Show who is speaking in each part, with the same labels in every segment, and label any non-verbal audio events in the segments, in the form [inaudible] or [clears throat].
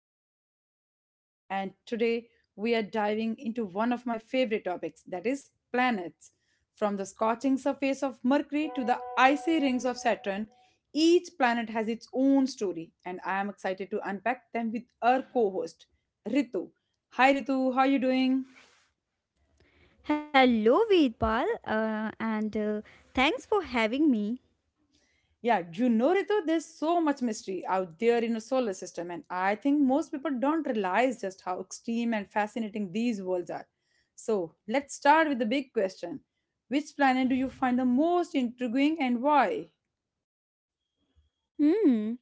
Speaker 1: I'm your host, Veerpal, and today we are diving into one of my favorite topics that is planets. From the scorching surface of Mercury to the icy rings of Saturn, each planet has its own story, and I am excited to unpack them with our co host, Ritu. Hi, Ritu, how are you doing?
Speaker 2: Hello, Veerpal, and thanks for having me.
Speaker 1: Yeah, Ritu, there's so much mystery out there in the solar system, and I think most people don't realize just how extreme and fascinating these worlds are. So, let's start with the big question: which planet do you find the most intriguing and why?
Speaker 2: Hmm.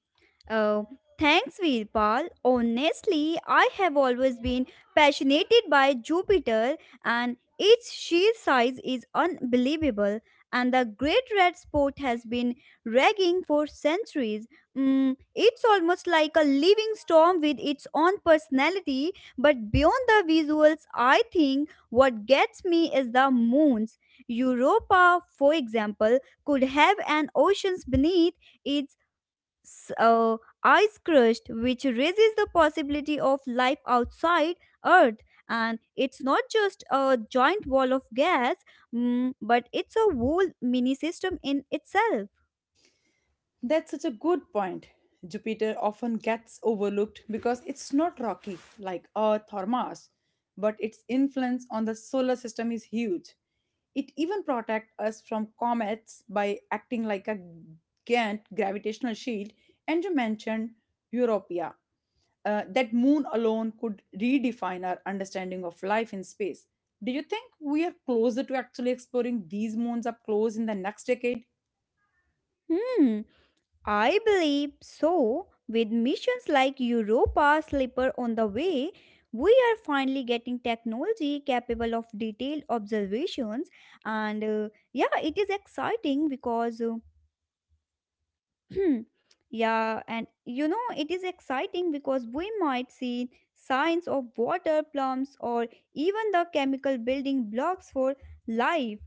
Speaker 2: Oh, thanks, Veerpal. Honestly, I have always been fascinated by Jupiter, and its sheer size is unbelievable. And the Great Red Spot has been raging for centuries. It's almost like a living storm with its own personality. But beyond the visuals, I think what gets me is the moons. Europa, for example, could have an oceans beneath its so ice crust, which raises the possibility of life outside Earth, and it's not just a giant wall of gas, but it's a whole mini system in itself.
Speaker 1: That's such a good point. Jupiter often gets overlooked because it's not rocky like Earth or Mars, but its influence on the solar system is huge. It even protects us from comets by acting like a giant gravitational shield. And you mentioned Europia. That moon alone could redefine our understanding of life in space. Do you think we are closer to actually exploring these moons up close in the next decade?
Speaker 2: Hmm, I believe so. With missions like Europa Slipper on the way, we are finally getting technology capable of detailed observations. And yeah, it is exciting because Hmm. Yeah, and you know, it is exciting because we might see signs of water plums or even the chemical building blocks for life.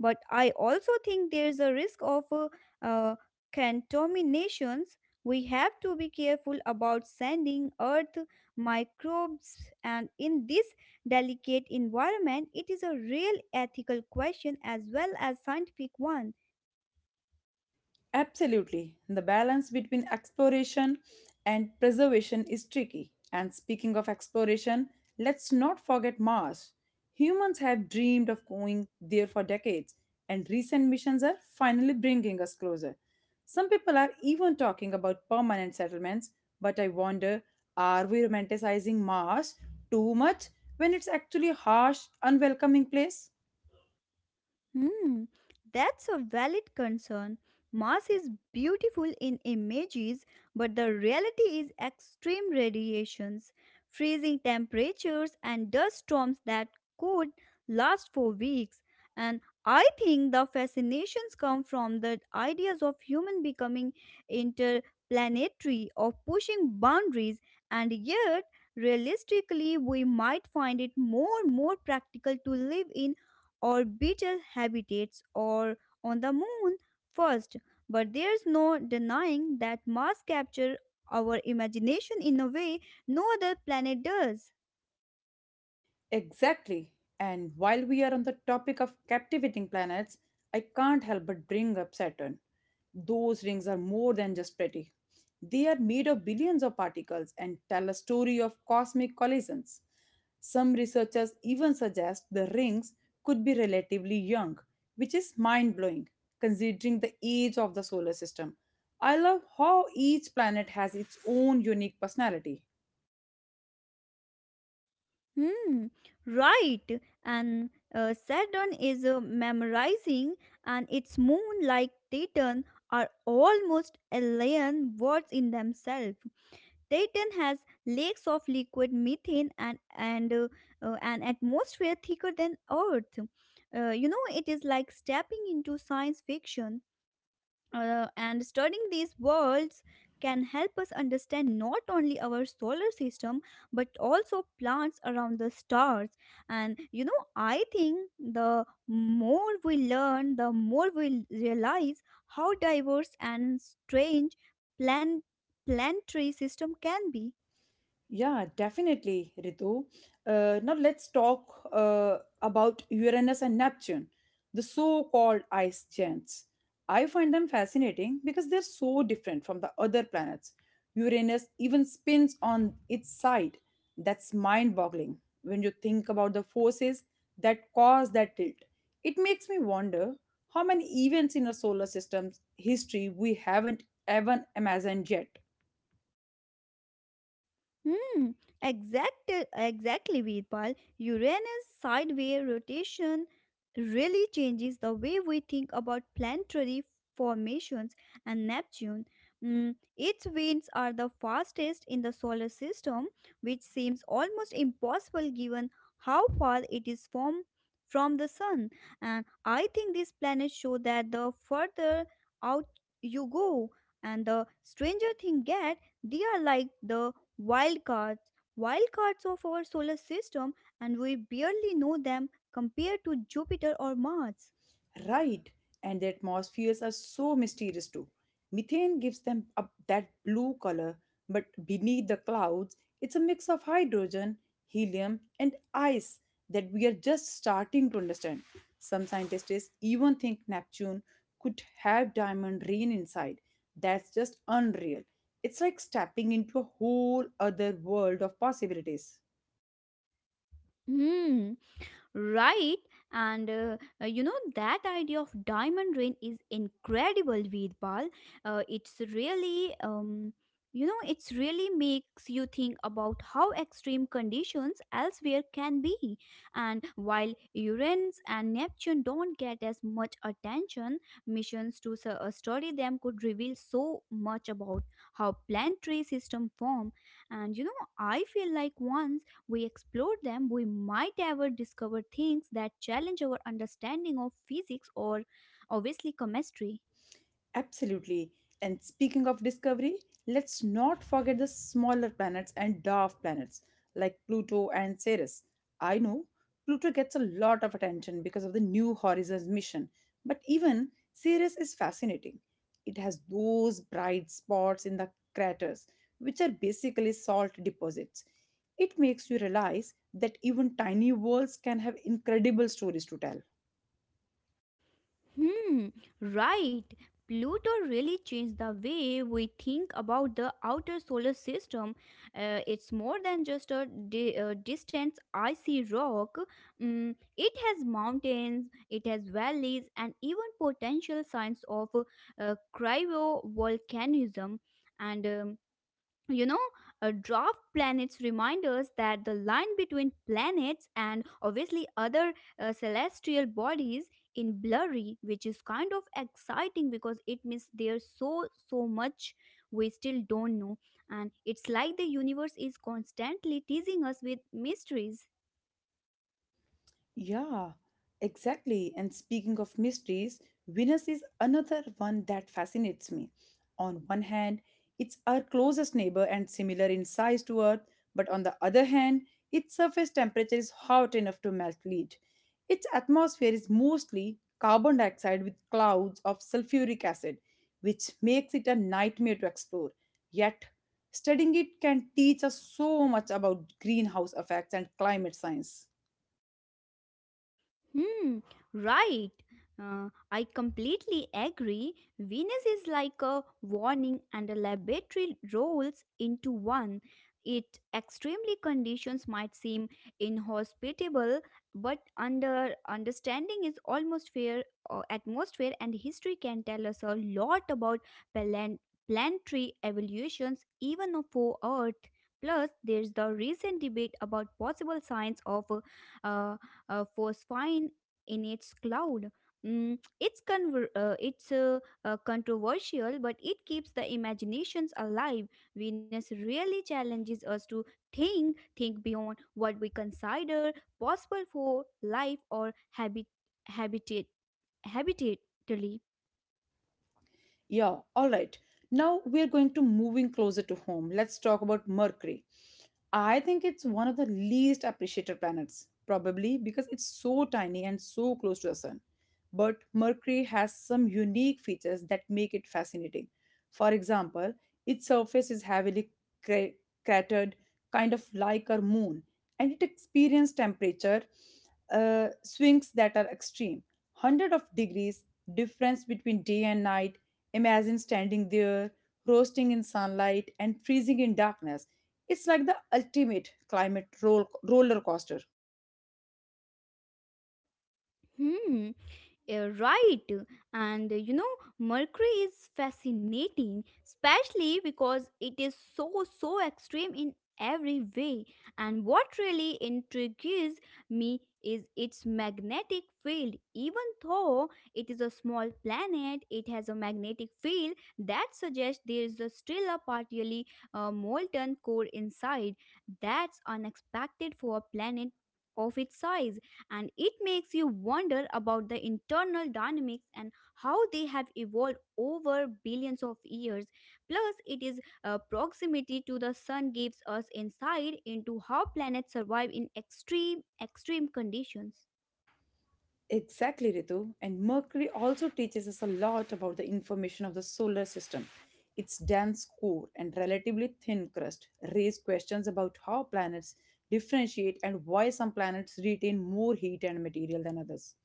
Speaker 2: But I also think there's a risk of uh, contaminations. We have to be careful about sending Earth microbes, and in this delicate environment, it is a real ethical question as well as scientific one.
Speaker 1: Absolutely. The balance between exploration and preservation is tricky. And speaking of exploration, let's not forget Mars. Humans have dreamed of going there for decades, and recent missions are finally bringing us closer. Some people are even talking about permanent settlements, but I wonder, are we romanticizing Mars too much when it's actually a harsh, unwelcoming place?
Speaker 2: Hmm, that's a valid concern. Mars is beautiful in images, but the reality is extreme radiations, freezing temperatures, and dust storms that could last for weeks. And I think the fascinations come from the ideas of human becoming interplanetary, of pushing boundaries, and yet realistically we might find it more and more practical to live in orbital habitats or on the moon first, but there's no denying that Mars captures our imagination in a way no other planet does.
Speaker 1: Exactly. And while we are on the topic of captivating planets, I can't help but bring up Saturn. Those rings are more than just pretty. They are made of billions of particles and tell a story of cosmic collisions. Some researchers even suggest the rings could be relatively young, which is mind blowing considering the age of the solar system. I love how each planet has its own unique personality.
Speaker 2: Hmm, right. And Saturn is memorizing, and its moon like Titan are almost alien words in themselves. Titan has lakes of liquid methane, and an atmosphere thicker than Earth. It is like stepping into science fiction, and studying these worlds can help us understand not only our solar system but also plants around the stars. And I think the more we learn, the more we realize how diverse and strange plant planetary system can be.
Speaker 1: Yeah, definitely, Ritu. Now let's talk about Uranus and Neptune, the so-called ice giants. I find them fascinating because they're so different from the other planets. Uranus even spins on its side. That's mind-boggling when you think about the forces that cause that tilt. It makes me wonder how many events in our solar system's history we haven't even imagined yet.
Speaker 2: Hmm, exact, exactly, Veerpal. Uranus' sideways rotation really changes the way we think about planetary formations and Neptune. Its winds are the fastest in the solar system, which seems almost impossible given how far it is from the sun. And I think these planets show that the further out you go and the stranger things get, they are like the Wildcards, wildcards of our solar system, and we barely know them compared to Jupiter or Mars.
Speaker 1: Right, and the atmospheres are so mysterious too. Methane gives them up that blue color, but beneath the clouds, it's a mix of hydrogen, helium, and ice that we are just starting to understand. Some scientists even think Neptune could have diamond rain inside. That's just unreal. It's like stepping into a whole other world of possibilities.
Speaker 2: Hmm, right. And you know that idea of diamond rain is incredible, Veerpal. It's really makes you think about how extreme conditions elsewhere can be. And while Uranus and Neptune don't get as much attention, missions to study them could reveal so much about how planetary systems form. And I feel like once we explore them, we might ever discover things that challenge our understanding of physics or obviously chemistry.
Speaker 1: Absolutely. And speaking of discovery, let's not forget the smaller planets and dwarf planets like Pluto and Ceres. I know Pluto gets a lot of attention because of the New Horizons mission, but even Ceres is fascinating. It has those bright spots in the craters, which are basically salt deposits. It makes you realize that even tiny worlds can have incredible stories to tell.
Speaker 2: Hmm, right. Pluto really changed the way we think about the outer solar system. It's more than just a distant icy rock. It has mountains, it has valleys, and even potential signs of cryovolcanism. And you know a draft planets remind us that the line between planets and obviously other celestial bodies in blurry, which is kind of exciting because it means there's so much we still don't know. And it's like the universe is constantly teasing us with mysteries.
Speaker 1: Yeah, exactly. And speaking of mysteries, Venus is another one that fascinates me. On one hand, it's our closest neighbor and similar in size to Earth, but on the other hand, its surface temperature is hot enough to melt lead. Its atmosphere is mostly carbon dioxide with clouds of sulfuric acid, which makes it a nightmare to explore. Yet, studying it can teach us so much about greenhouse effects and climate science.
Speaker 2: Hmm, right. I completely agree. Venus is like a warning and a laboratory rolls into one. It extremely conditions might seem inhospitable, but understanding is almost fair. Atmosphere and history can tell us a lot about plan- planetary evolutions even for Earth. Plus, there's the recent debate about possible signs of uh, was fine in its cloud. It's controversial, but it keeps the imaginations alive. Venus really challenges us to think beyond what we consider possible for life or habitat habitatally.
Speaker 1: Yeah, all right. Now we are going to moving closer to home. Let's talk about Mercury. I think it's one of the least appreciated planets, probably because it's so tiny and so close to the Sun. But Mercury has some unique features that make it fascinating. For example, its surface is heavily cra- cratered, kind of like our moon, and it experiences temperature swings that are extreme. Hundred of degrees difference between day and night. Imagine standing there, roasting in sunlight and freezing in darkness. It's like the ultimate climate roller coaster.
Speaker 2: Hmm. Yeah, right. And Mercury is fascinating, especially because it is so, so extreme in every way. And what really intrigues me is its magnetic field. Even though it is a small planet, it has a magnetic field that suggests there is a still a partially molten core inside. That's unexpected for a planet of its size, and it makes you wonder about the internal dynamics and how they have evolved over billions of years. Plus, it is proximity to the sun gives us insight into how planets survive in extreme conditions.
Speaker 1: Exactly, Ritu. And Mercury also teaches us a lot about the information of the solar system. Its dense core and relatively thin crust raise questions about how planets differentiate and why some planets retain more heat and material than others.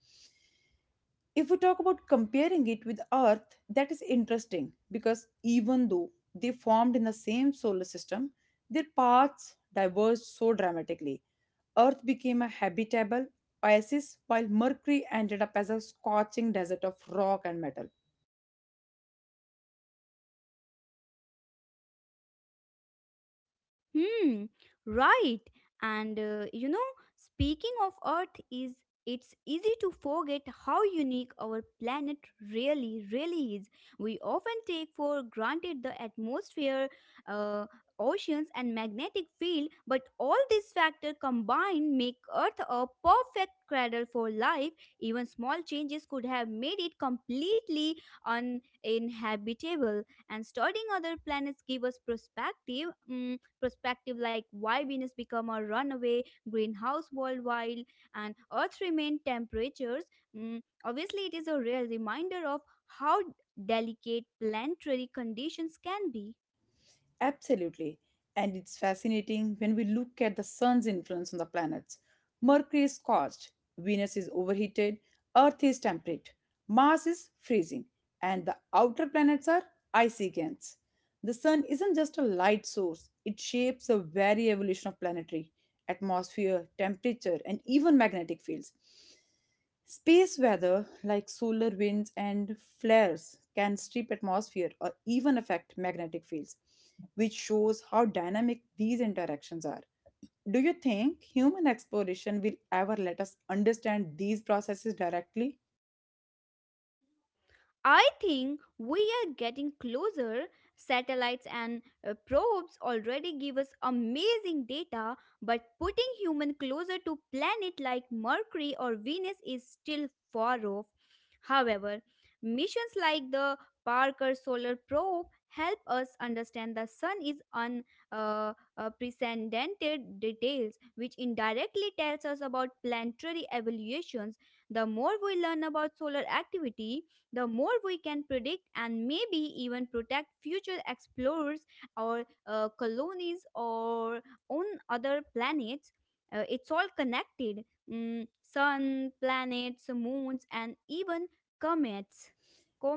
Speaker 1: If we talk about comparing it with Earth, that is interesting because even though they formed in the same solar system, their paths diverged so dramatically. Earth became a habitable oasis while Mercury ended up as a scorching desert of rock and metal.
Speaker 2: Hmm, right. And speaking of Earth is it's easy to forget how unique our planet really is. We often take for granted the atmosphere, uh, oceans and magnetic field, but all these factors combined make Earth a perfect cradle for life. Even small changes could have made it completely uninhabitable, and studying other planets give us perspective like why Venus become a runaway greenhouse worldwide and Earth remain temperatures. Obviously, it is a real reminder of how delicate planetary conditions can be.
Speaker 1: Absolutely. And it's fascinating when we look at the sun's influence on the planets. Mercury is scorched, Venus is overheated, Earth is temperate, Mars is freezing, and the outer planets are icy giants. The sun isn't just a light source, it shapes a very evolution of planetary atmosphere, temperature, and even magnetic fields. Space weather, like solar winds and flares, can strip atmosphere or even affect magnetic fields, which shows how dynamic these interactions are. Do you think human exploration will ever let us understand these processes directly?
Speaker 2: I think we are getting closer. Satellites and probes already give us amazing data, but putting human closer to planet like Mercury or Venus is still far off. However, missions like the Parker Solar Probe help us understand the sun is unprecedented details, which indirectly tells us about planetary evolutions. The more we learn about solar activity, the more we can predict and maybe even protect future explorers or colonies or on other planets. It's all connected, sun, planets, moons, and even comets.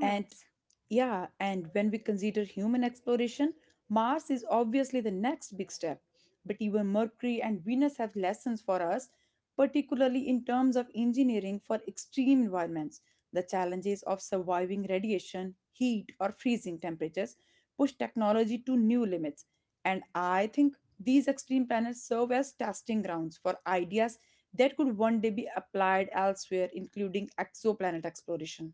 Speaker 1: And yeah, and when we consider human exploration, Mars is obviously the next big step. But even Mercury and Venus have lessons for us, particularly in terms of engineering for extreme environments. The challenges of surviving radiation, heat, or freezing temperatures push technology to new limits. And I think these extreme planets serve as testing grounds for ideas that could one day be applied elsewhere, including exoplanet exploration.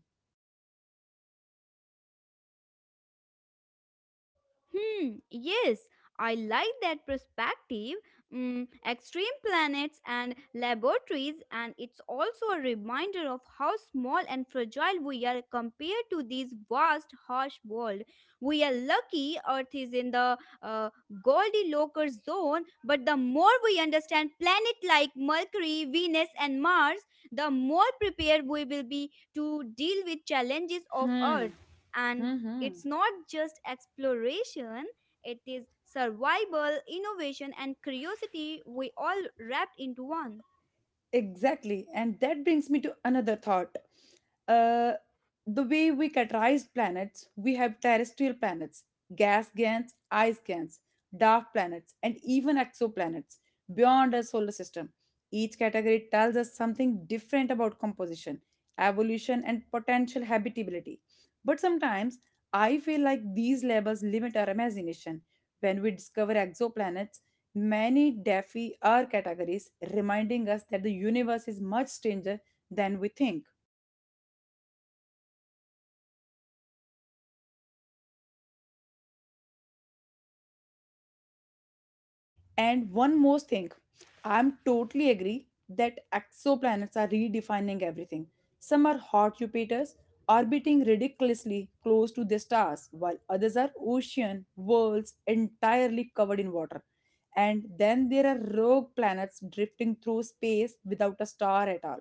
Speaker 2: Hmm, yes, I like that perspective. Extreme planets and laboratories, and it's also a reminder of how small and fragile we are compared to this vast, harsh world. We are lucky Earth is in the Goldilocks zone, but the more we understand planets like Mercury, Venus, and Mars, the more prepared we will be to deal with challenges of
Speaker 1: Hmm.
Speaker 2: Earth. And
Speaker 1: Mm-hmm.
Speaker 2: it's not just exploration, it is survival, innovation, and curiosity, we all wrapped into one.
Speaker 1: Exactly. And that brings me to another thought. Uh, the way we categorized planets, we have terrestrial planets, gas giants, ice giants, dark planets, and even exoplanets beyond our solar system. Each category tells us something different about composition, evolution, and potential habitability. But sometimes I feel like these labels limit our imagination. When we discover exoplanets, many defi are categories reminding us that the universe is much stranger than we think. And one more thing, I'm totally agree that exoplanets are redefining everything. Some are hot Jupiters orbiting ridiculously close to their stars, while others are ocean worlds entirely covered in water. And then there are rogue planets drifting through space without a star at all.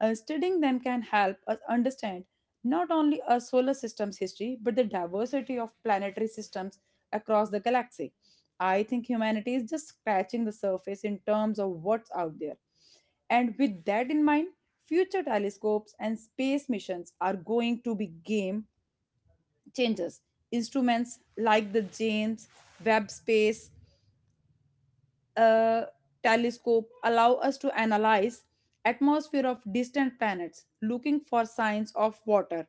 Speaker 1: Studying them can help us understand not only our solar system's history but the diversity of planetary systems across the galaxy. I think humanity is just scratching the surface in terms of what's out there. And with that in mind, future telescopes and space missions are going to be game changers. Instruments like the James Webb Space uh, Telescope allow us to analyze atmosphere of distant planets looking for signs of water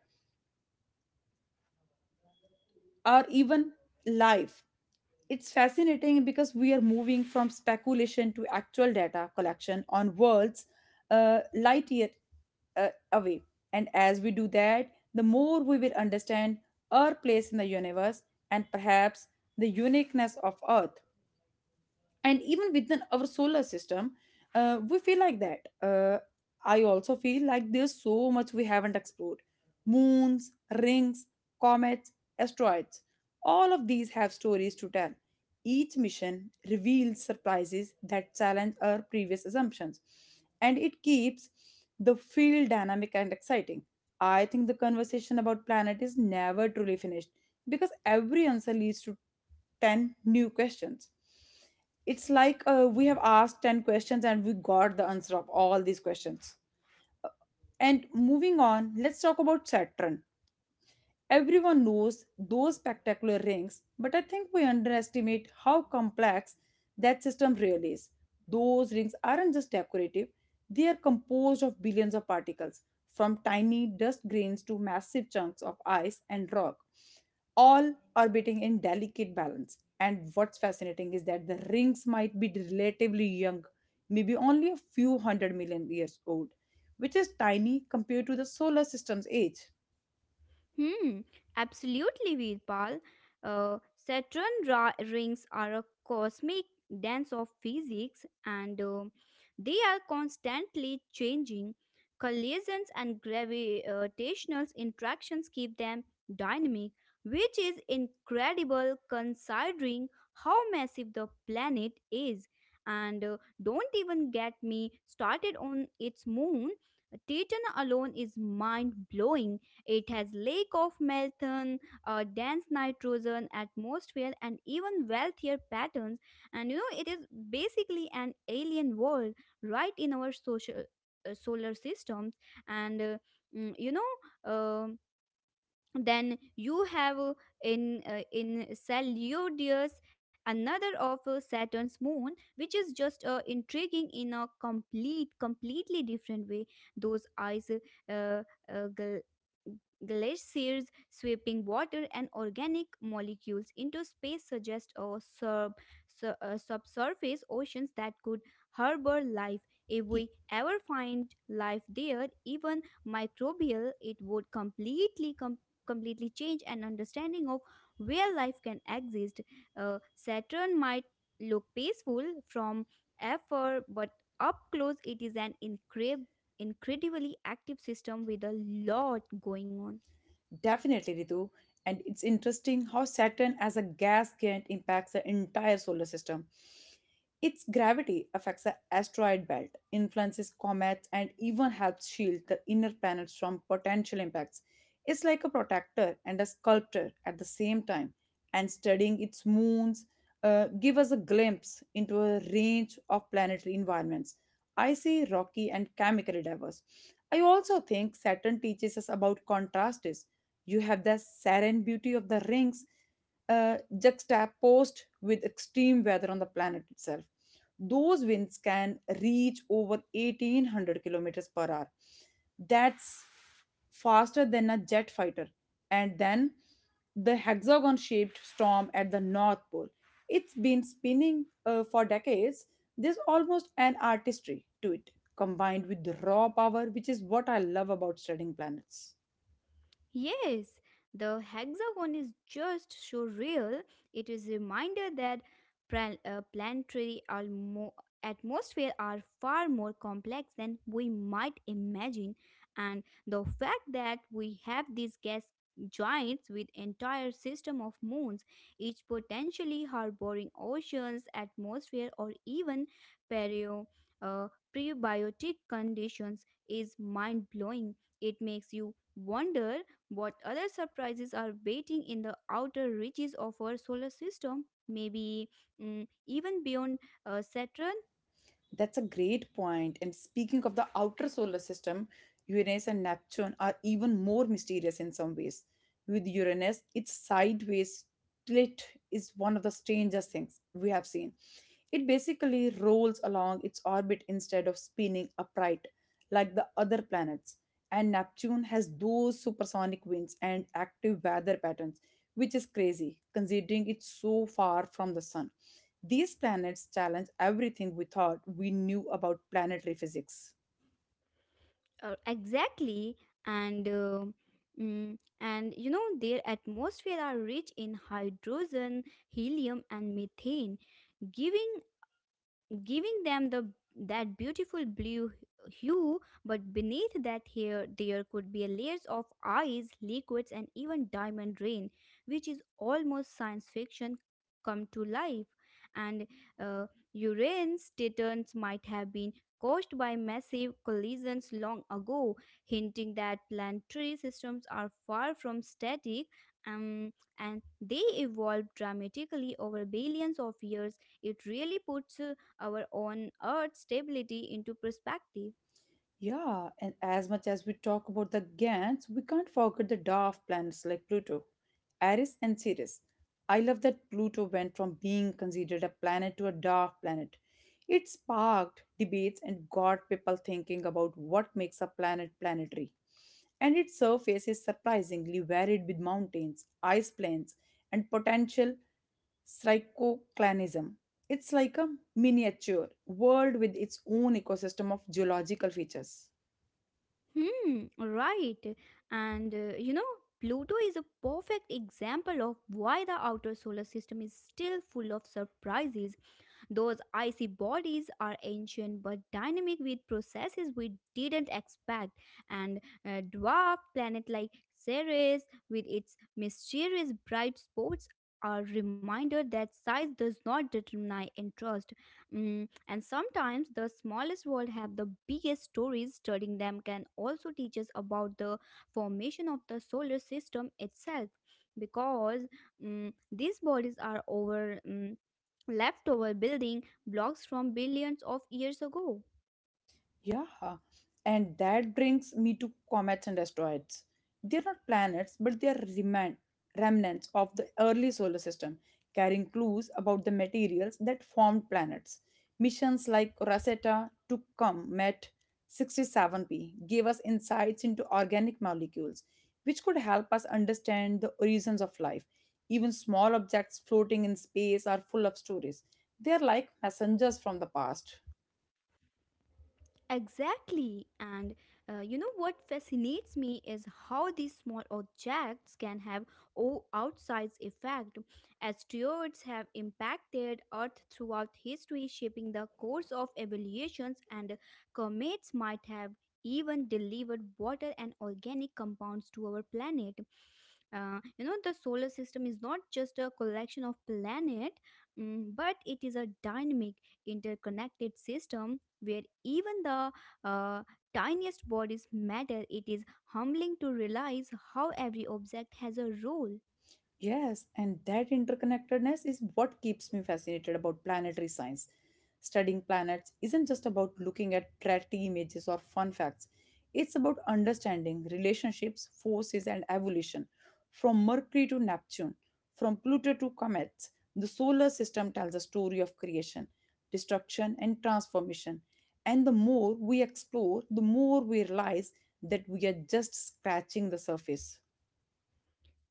Speaker 1: or even life. It's fascinating because we are moving from speculation to actual data collection on worlds light year away. And as we do that, the more we will understand our place in the universe and perhaps the uniqueness of Earth. And even within our solar system we feel like that I also feel like there's so much we haven't explored: moons, rings, comets, asteroids. All of these have stories to tell. Each mission reveals surprises that challenge our previous assumptions, and it keeps the field dynamic and exciting. I think the conversation about planet is never truly finished because every answer leads to 10 new questions. It's like we have asked 10 questions and we got the answer of all these questions. And moving on, let's talk about Saturn. Everyone knows those spectacular rings, but I think we underestimate how complex that system really is. Those rings aren't just decorative, they are composed of billions of particles, from tiny dust grains to massive chunks of ice and rock, all orbiting in delicate balance. And what's fascinating is that the rings might be relatively young, maybe only a few hundred million years old, which is tiny compared to the solar system's age.
Speaker 2: Hmm, absolutely, Veerpal. Saturn rings are a cosmic dance of physics, and they are constantly changing. Collisions and gravitational interactions keep them dynamic, which is incredible considering how massive the planet is. And don't even get me started on its moon. Titan alone is mind blowing. It has lake of methane, a dense nitrogen atmosphere, and even wealthier patterns. And it is basically an alien world right in our social solar systems. And you know. um then you have in Celiodeus, another of Saturn's moon, which is just intriguing in a completely different way. Those ice uh, uh, gal- glaciers sweeping water and organic molecules into space suggest a subsurface oceans that could harbor life. If
Speaker 1: E,
Speaker 2: we ever find life there, even microbial, it would completely change an understanding of where life can exist. Saturn might look peaceful from afar, but up close it is an incredibly active system with a lot going on.
Speaker 1: definitely, Ritu. And it's interesting how Saturn as a gas giant impacts the entire solar system. Its gravity affects the asteroid belt, influences comets, and even helps shield the inner planets from potential impacts. It's like a protector and a sculptor at the same time, and studying its moons give us a glimpse into a range of planetary environments. Icy, rocky, and chemically diverse. I also think Saturn teaches us about contrasts. You have the serene beauty of the rings juxtaposed with extreme weather on the planet itself. Those winds can reach over 1,800 kilometers per hour. That's faster than a jet fighter. And then the hexagon shaped storm at the North Pole. It's been spinning for decades. There's almost an artistry to it, combined with the raw power, which is what I love about studying planets.
Speaker 2: Yes, the hexagon is just so real. It is a reminder that planetary atmosphere are far more complex than we might imagine, and the fact that we have these gas giants with entire system of moons, each potentially harboring oceans, atmosphere, or even perio. Prebiotic conditions is mind blowing. It makes you wonder what other surprises are waiting in the outer reaches of our solar system. Maybe even beyond Saturn?
Speaker 1: That's a great point. And speaking of the outer solar system, Uranus and Neptune are even more mysterious in some ways. With Uranus, its sideways tilt is one of the strangest things we have seen. It basically rolls along its orbit instead of spinning upright like the other planets. And Neptune has those supersonic winds and active weather patterns, which is crazy considering it's so far from the sun. These planets challenge everything we thought we knew about planetary physics.
Speaker 2: Exactly. And uh, and their atmosphere are rich in hydrogen, helium, and methane, giving giving them the that beautiful blue hue. But beneath that here there could be a layers of ice liquids and even diamond rain, which is almost science fiction come to life. And uh, Uranus titans might have been caused by massive collisions long ago, hinting that planetary systems are far from static. um, and they evolved dramatically over billions of years. It really puts our own Earth stability into perspective.
Speaker 1: Yeah, and as much as we talk about the GANs, we can't forget the dwarf planets like Pluto, Eris, and Ceres. I love that Pluto went from being considered a planet to a dwarf planet. It sparked debates and got people thinking about what makes a planet planetary, and its surface is surprisingly varied with mountains, ice plains, and potential. Syncoclanism. It's like a miniature world with its own ecosystem of geological features.
Speaker 2: Hmm, right. And Pluto is a perfect example of why the outer solar system is still full of surprises. Those icy bodies are ancient but dynamic with processes we didn't expect, and a dwarf planet like Ceres with its mysterious bright spots are reminder that size does not determine interest. And sometimes the smallest world have the biggest stories. Studying them can also teach us about the formation of the solar system itself, because these bodies are leftover building blocks from billions of years ago.
Speaker 1: Yeah, and that brings me to comets and asteroids. They're not planets, but they are remnants of the early solar system, carrying clues about the materials that formed planets. Missions like Rosetta to Comet 67p gave us insights into organic molecules, which could help us understand the origins of life. Even small objects floating in space are full of stories. They are like messengers from the past.
Speaker 2: Exactly. And you know what fascinates me is how these small objects can have outsized effect. Asteroids have impacted Earth throughout history, shaping the course of evolutions, and comets might have even delivered water and organic compounds to our planet. The solar system is not just a collection of planet, but it is a dynamic, interconnected system where even the uh, tiniest bodies matter. It is humbling to realize how every object has a role.
Speaker 1: Yes, and that interconnectedness is what keeps me fascinated about planetary science. Studying planets isn't just about looking at pretty images or fun facts, it's about understanding relationships, forces, and evolution. From Mercury to Neptune, from Pluto to comets, the solar system tells a story of creation, destruction, and transformation. And the more we explore, the more we realize that we are just scratching the surface.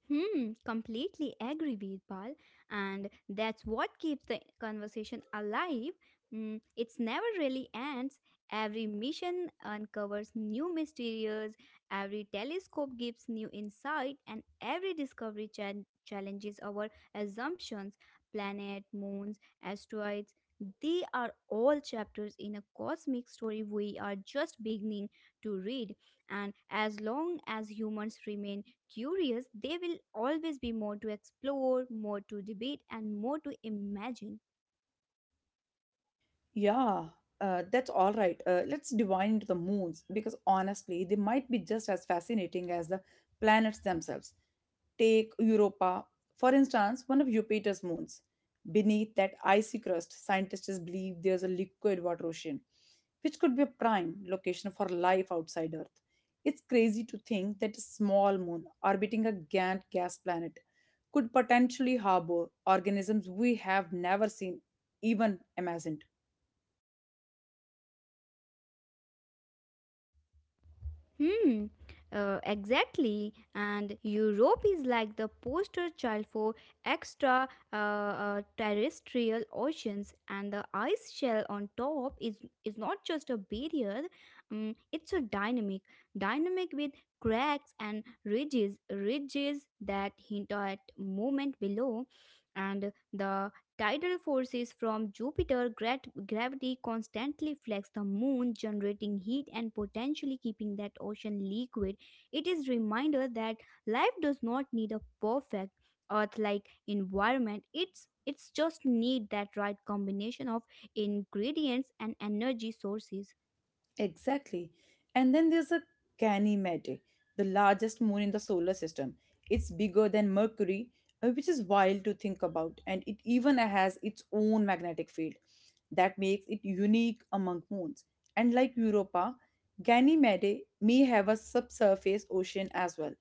Speaker 2: Hmm, completely agree, Veerpal. And that's what keeps the conversation alive. Mm, it's never really ends. Every mission uncovers new mysteries, every telescope gives new insight, and every discovery challenges our assumptions. Planet, moons, asteroids, they are all chapters in a cosmic story we are just beginning to read. And as long as humans remain curious, they will always be more to explore, more to debate, and more to imagine.
Speaker 1: Yeah, that's all right. Let's divide into the moons because honestly, they might be just as fascinating as the planets themselves. Take Europa, for instance, one of Jupiter's moons. Beneath that icy crust, scientists believe there's a liquid water ocean, which could be a prime location for life outside Earth. It's crazy to think that a small moon orbiting a giant gas planet could potentially harbor organisms we have never seen, even imagined.
Speaker 2: Hmm, exactly. And Europe is like the poster child for extra terrestrial oceans, and the ice shell on top is not just a barrier, it's a dynamic. Dynamic with cracks and ridges, ridges that hint at movement below, and the tidal forces from Jupiter gravity constantly flex the moon, generating heat and potentially keeping that ocean liquid. It is reminder that life does not need a perfect Earth-like environment. It's just need that right combination of ingredients and energy sources.
Speaker 1: Exactly. And then there's a Ganymede, the largest moon in the solar system. It's bigger than Mercury, which is wild to think about, and it even has its own magnetic field that makes it unique among moons. And like Europa, Ganymede may have a subsurface ocean as well.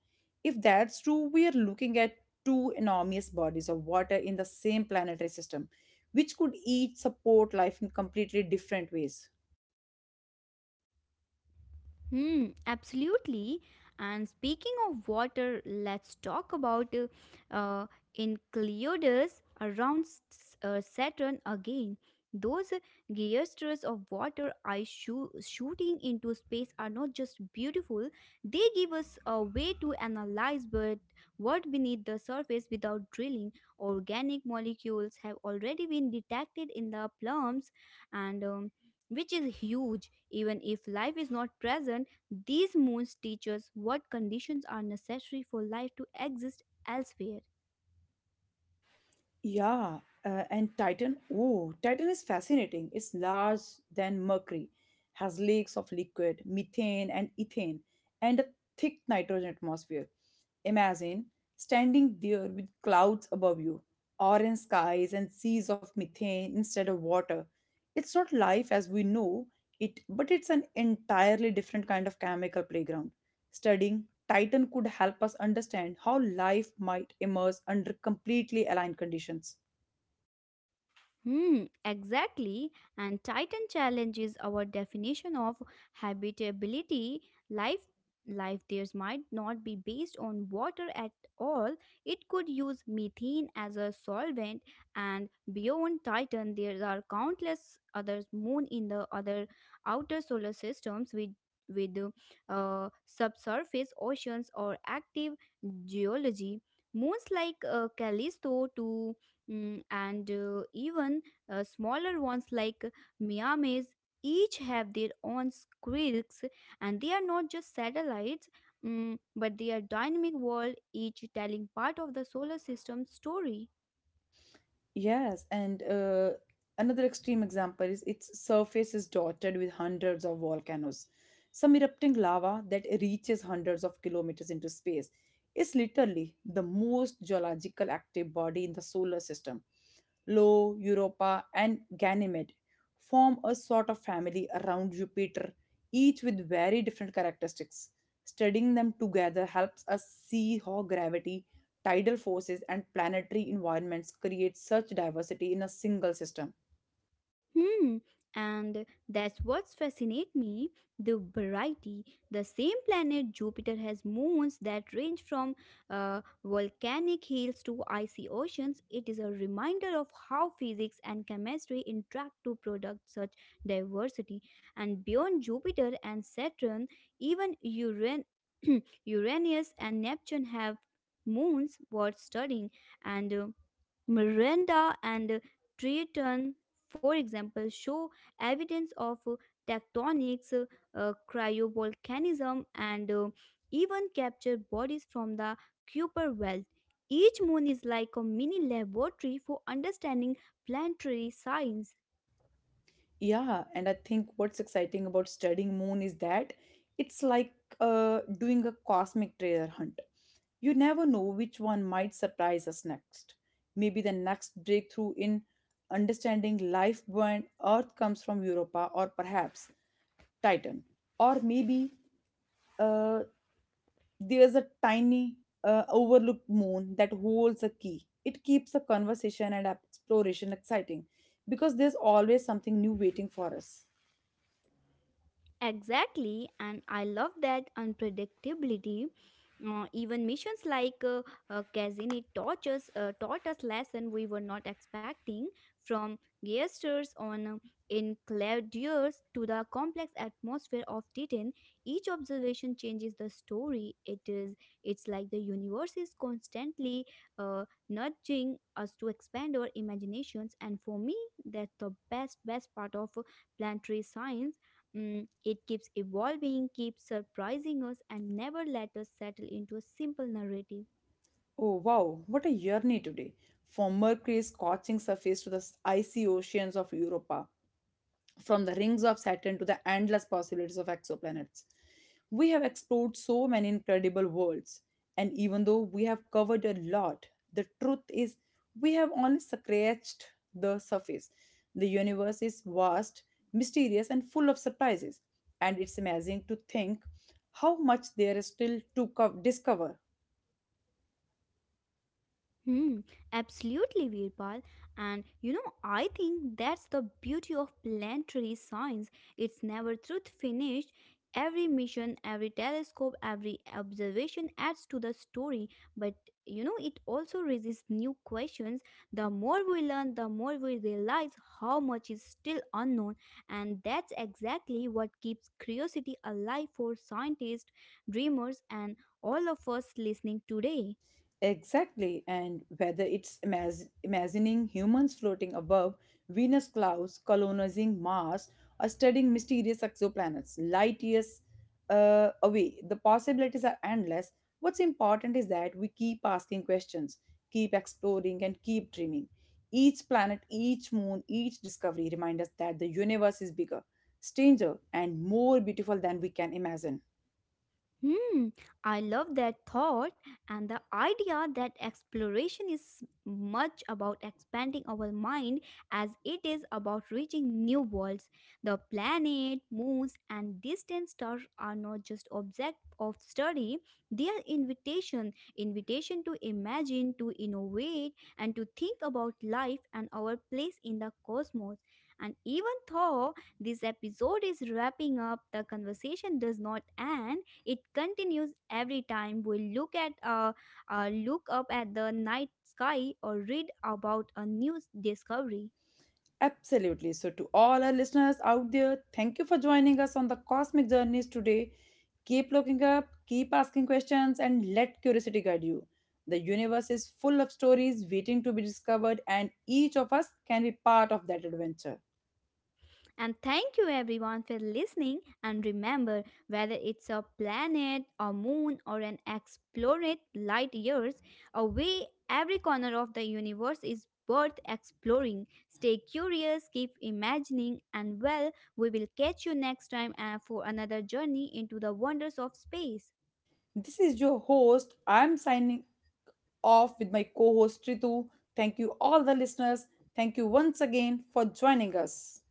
Speaker 1: If that's true, we are looking at two enormous bodies of water in the same planetary system, which could each support life in completely different ways.
Speaker 2: Hmm, absolutely. And speaking of water, let's talk about uh, Enceladus around Saturn again. Those geysters of water I shooting into space are not just beautiful, they give us a way to analyze but what beneath the surface without drilling. Organic molecules have already been detected in the plumes and which is huge. Even if life is not present, these moons teach us what conditions are necessary for life to exist elsewhere.
Speaker 1: Yeah, and Titan. Oh, Titan is fascinating. It's large than Mercury, has lakes of liquid, methane, and ethane, and a thick nitrogen atmosphere. Imagine standing there with clouds above you, orange skies, and seas of methane instead of water. It's not life as we know it, but it's an entirely different kind of chemical playground. Studying Titan could help us understand how life might emerge under completely aligned conditions.
Speaker 2: Hmm, exactly. And Titan challenges our definition of habitability. Life, life there might not be based on water at all. It could use methane as a solvent. And beyond Titan, there are countless other moon in the other outer solar systems with subsurface oceans or active geology. Moons like Callisto to mm, and even smaller ones like Miamis each have their own quirks, and they are not just satellites, but they are dynamic world, each telling part of the solar system's story.
Speaker 1: Yes, and another extreme example is its surface is dotted with hundreds of volcanoes. Some erupting lava that reaches hundreds of kilometers into space is literally the most geological active body in the solar system. Io, Europa, and Ganymede form a sort of family around Jupiter, each with very different characteristics. Studying them together helps us see how gravity, tidal forces, and planetary environments create such diversity in a single system.
Speaker 2: Hmm, and that's what's fascinate me, the variety. The same planet Jupiter has moons that range from volcanic hills to icy oceans. It is a reminder of how physics and chemistry interact to product such diversity. And beyond Jupiter and Saturn, even [clears throat] Uranus and Neptune have moons worth studying, and Miranda and Triton, for example, show evidence of tectonics, cryovolcanism, and even capture bodies from the Kuiper belt. Each moon is like a mini laboratory for understanding planetary science.
Speaker 1: Yeah, and I think what's exciting about studying moon is that it's like doing a cosmic treasure hunt. You never know which one might surprise us next. Maybe the next breakthrough in understanding life on Earth comes from Europa or perhaps Titan. Or maybe uh, there's a tiny, overlooked moon that holds a key. It keeps the conversation and exploration exciting because there's always something new waiting for us.
Speaker 2: Exactly, and I love that unpredictability. Even missions like Kazini taught us lesson we were not expecting, from gestures on in Claudius to the complex atmosphere of Titan. Each observation changes the story. It's like the universe is constantly uh, nudging us to expand our imaginations, and for me, that's the best part of planetary science. Mm, it keeps evolving, keeps surprising us, and never let us settle into a simple narrative.
Speaker 1: Oh wow, what a journey today! From Mercury's scorching surface to the icy oceans of Europa, from the rings of Saturn to the endless possibilities of exoplanets. We have explored so many incredible worlds, and even though we have covered a lot, the truth is we have only scratched the surface. The universe is vast, mysterious, and full of surprises, and it's amazing to think how much there is still to discover.
Speaker 2: Hmm, absolutely, Virpal. And you know, I think that's the beauty of planetary science. It's never truth finished. Every mission, every telescope, every observation adds to the story, but you know, it also raises new questions. The more we learn, the more we realize how much is still unknown, and that's exactly what keeps curiosity alive for scientists, dreamers, and all of us listening today.
Speaker 1: Exactly, and whether it's imagining humans floating above Venus clouds, colonizing Mars, or studying mysterious exoplanets light years away, the possibilities are endless. What's important is that we keep asking questions, keep exploring, and keep dreaming. Each planet, each moon, each discovery remind us that the universe is bigger, stranger, and more beautiful than we can imagine.
Speaker 2: Hmm, I love that thought and the idea that exploration is much about expanding our mind as it is about reaching new worlds. The planet, moons, and distant stars are not just object of study, they are invitation, invitation to imagine, to innovate, and to think about life and our place in the cosmos. And even though this episode is wrapping up, the conversation does not end, it continues every time we look up at the night sky or read about a new discovery.
Speaker 1: Absolutely. So, to all our listeners out there, thank you for joining us on the cosmic journeys today. Keep looking up, keep asking questions, and let curiosity guide you. The universe is full of stories waiting to be discovered, and each of us can be part of that adventure.
Speaker 2: And thank you everyone for listening, and remember, whether it's a planet, a moon or an explorate light years away, every corner of the universe is worth exploring. Stay curious, keep imagining, and well, we will catch you next time for another journey into the wonders of space.
Speaker 1: This is your host. I'm signing off with my co host Ritu. Thank you, all the listeners. Thank you once again for joining us.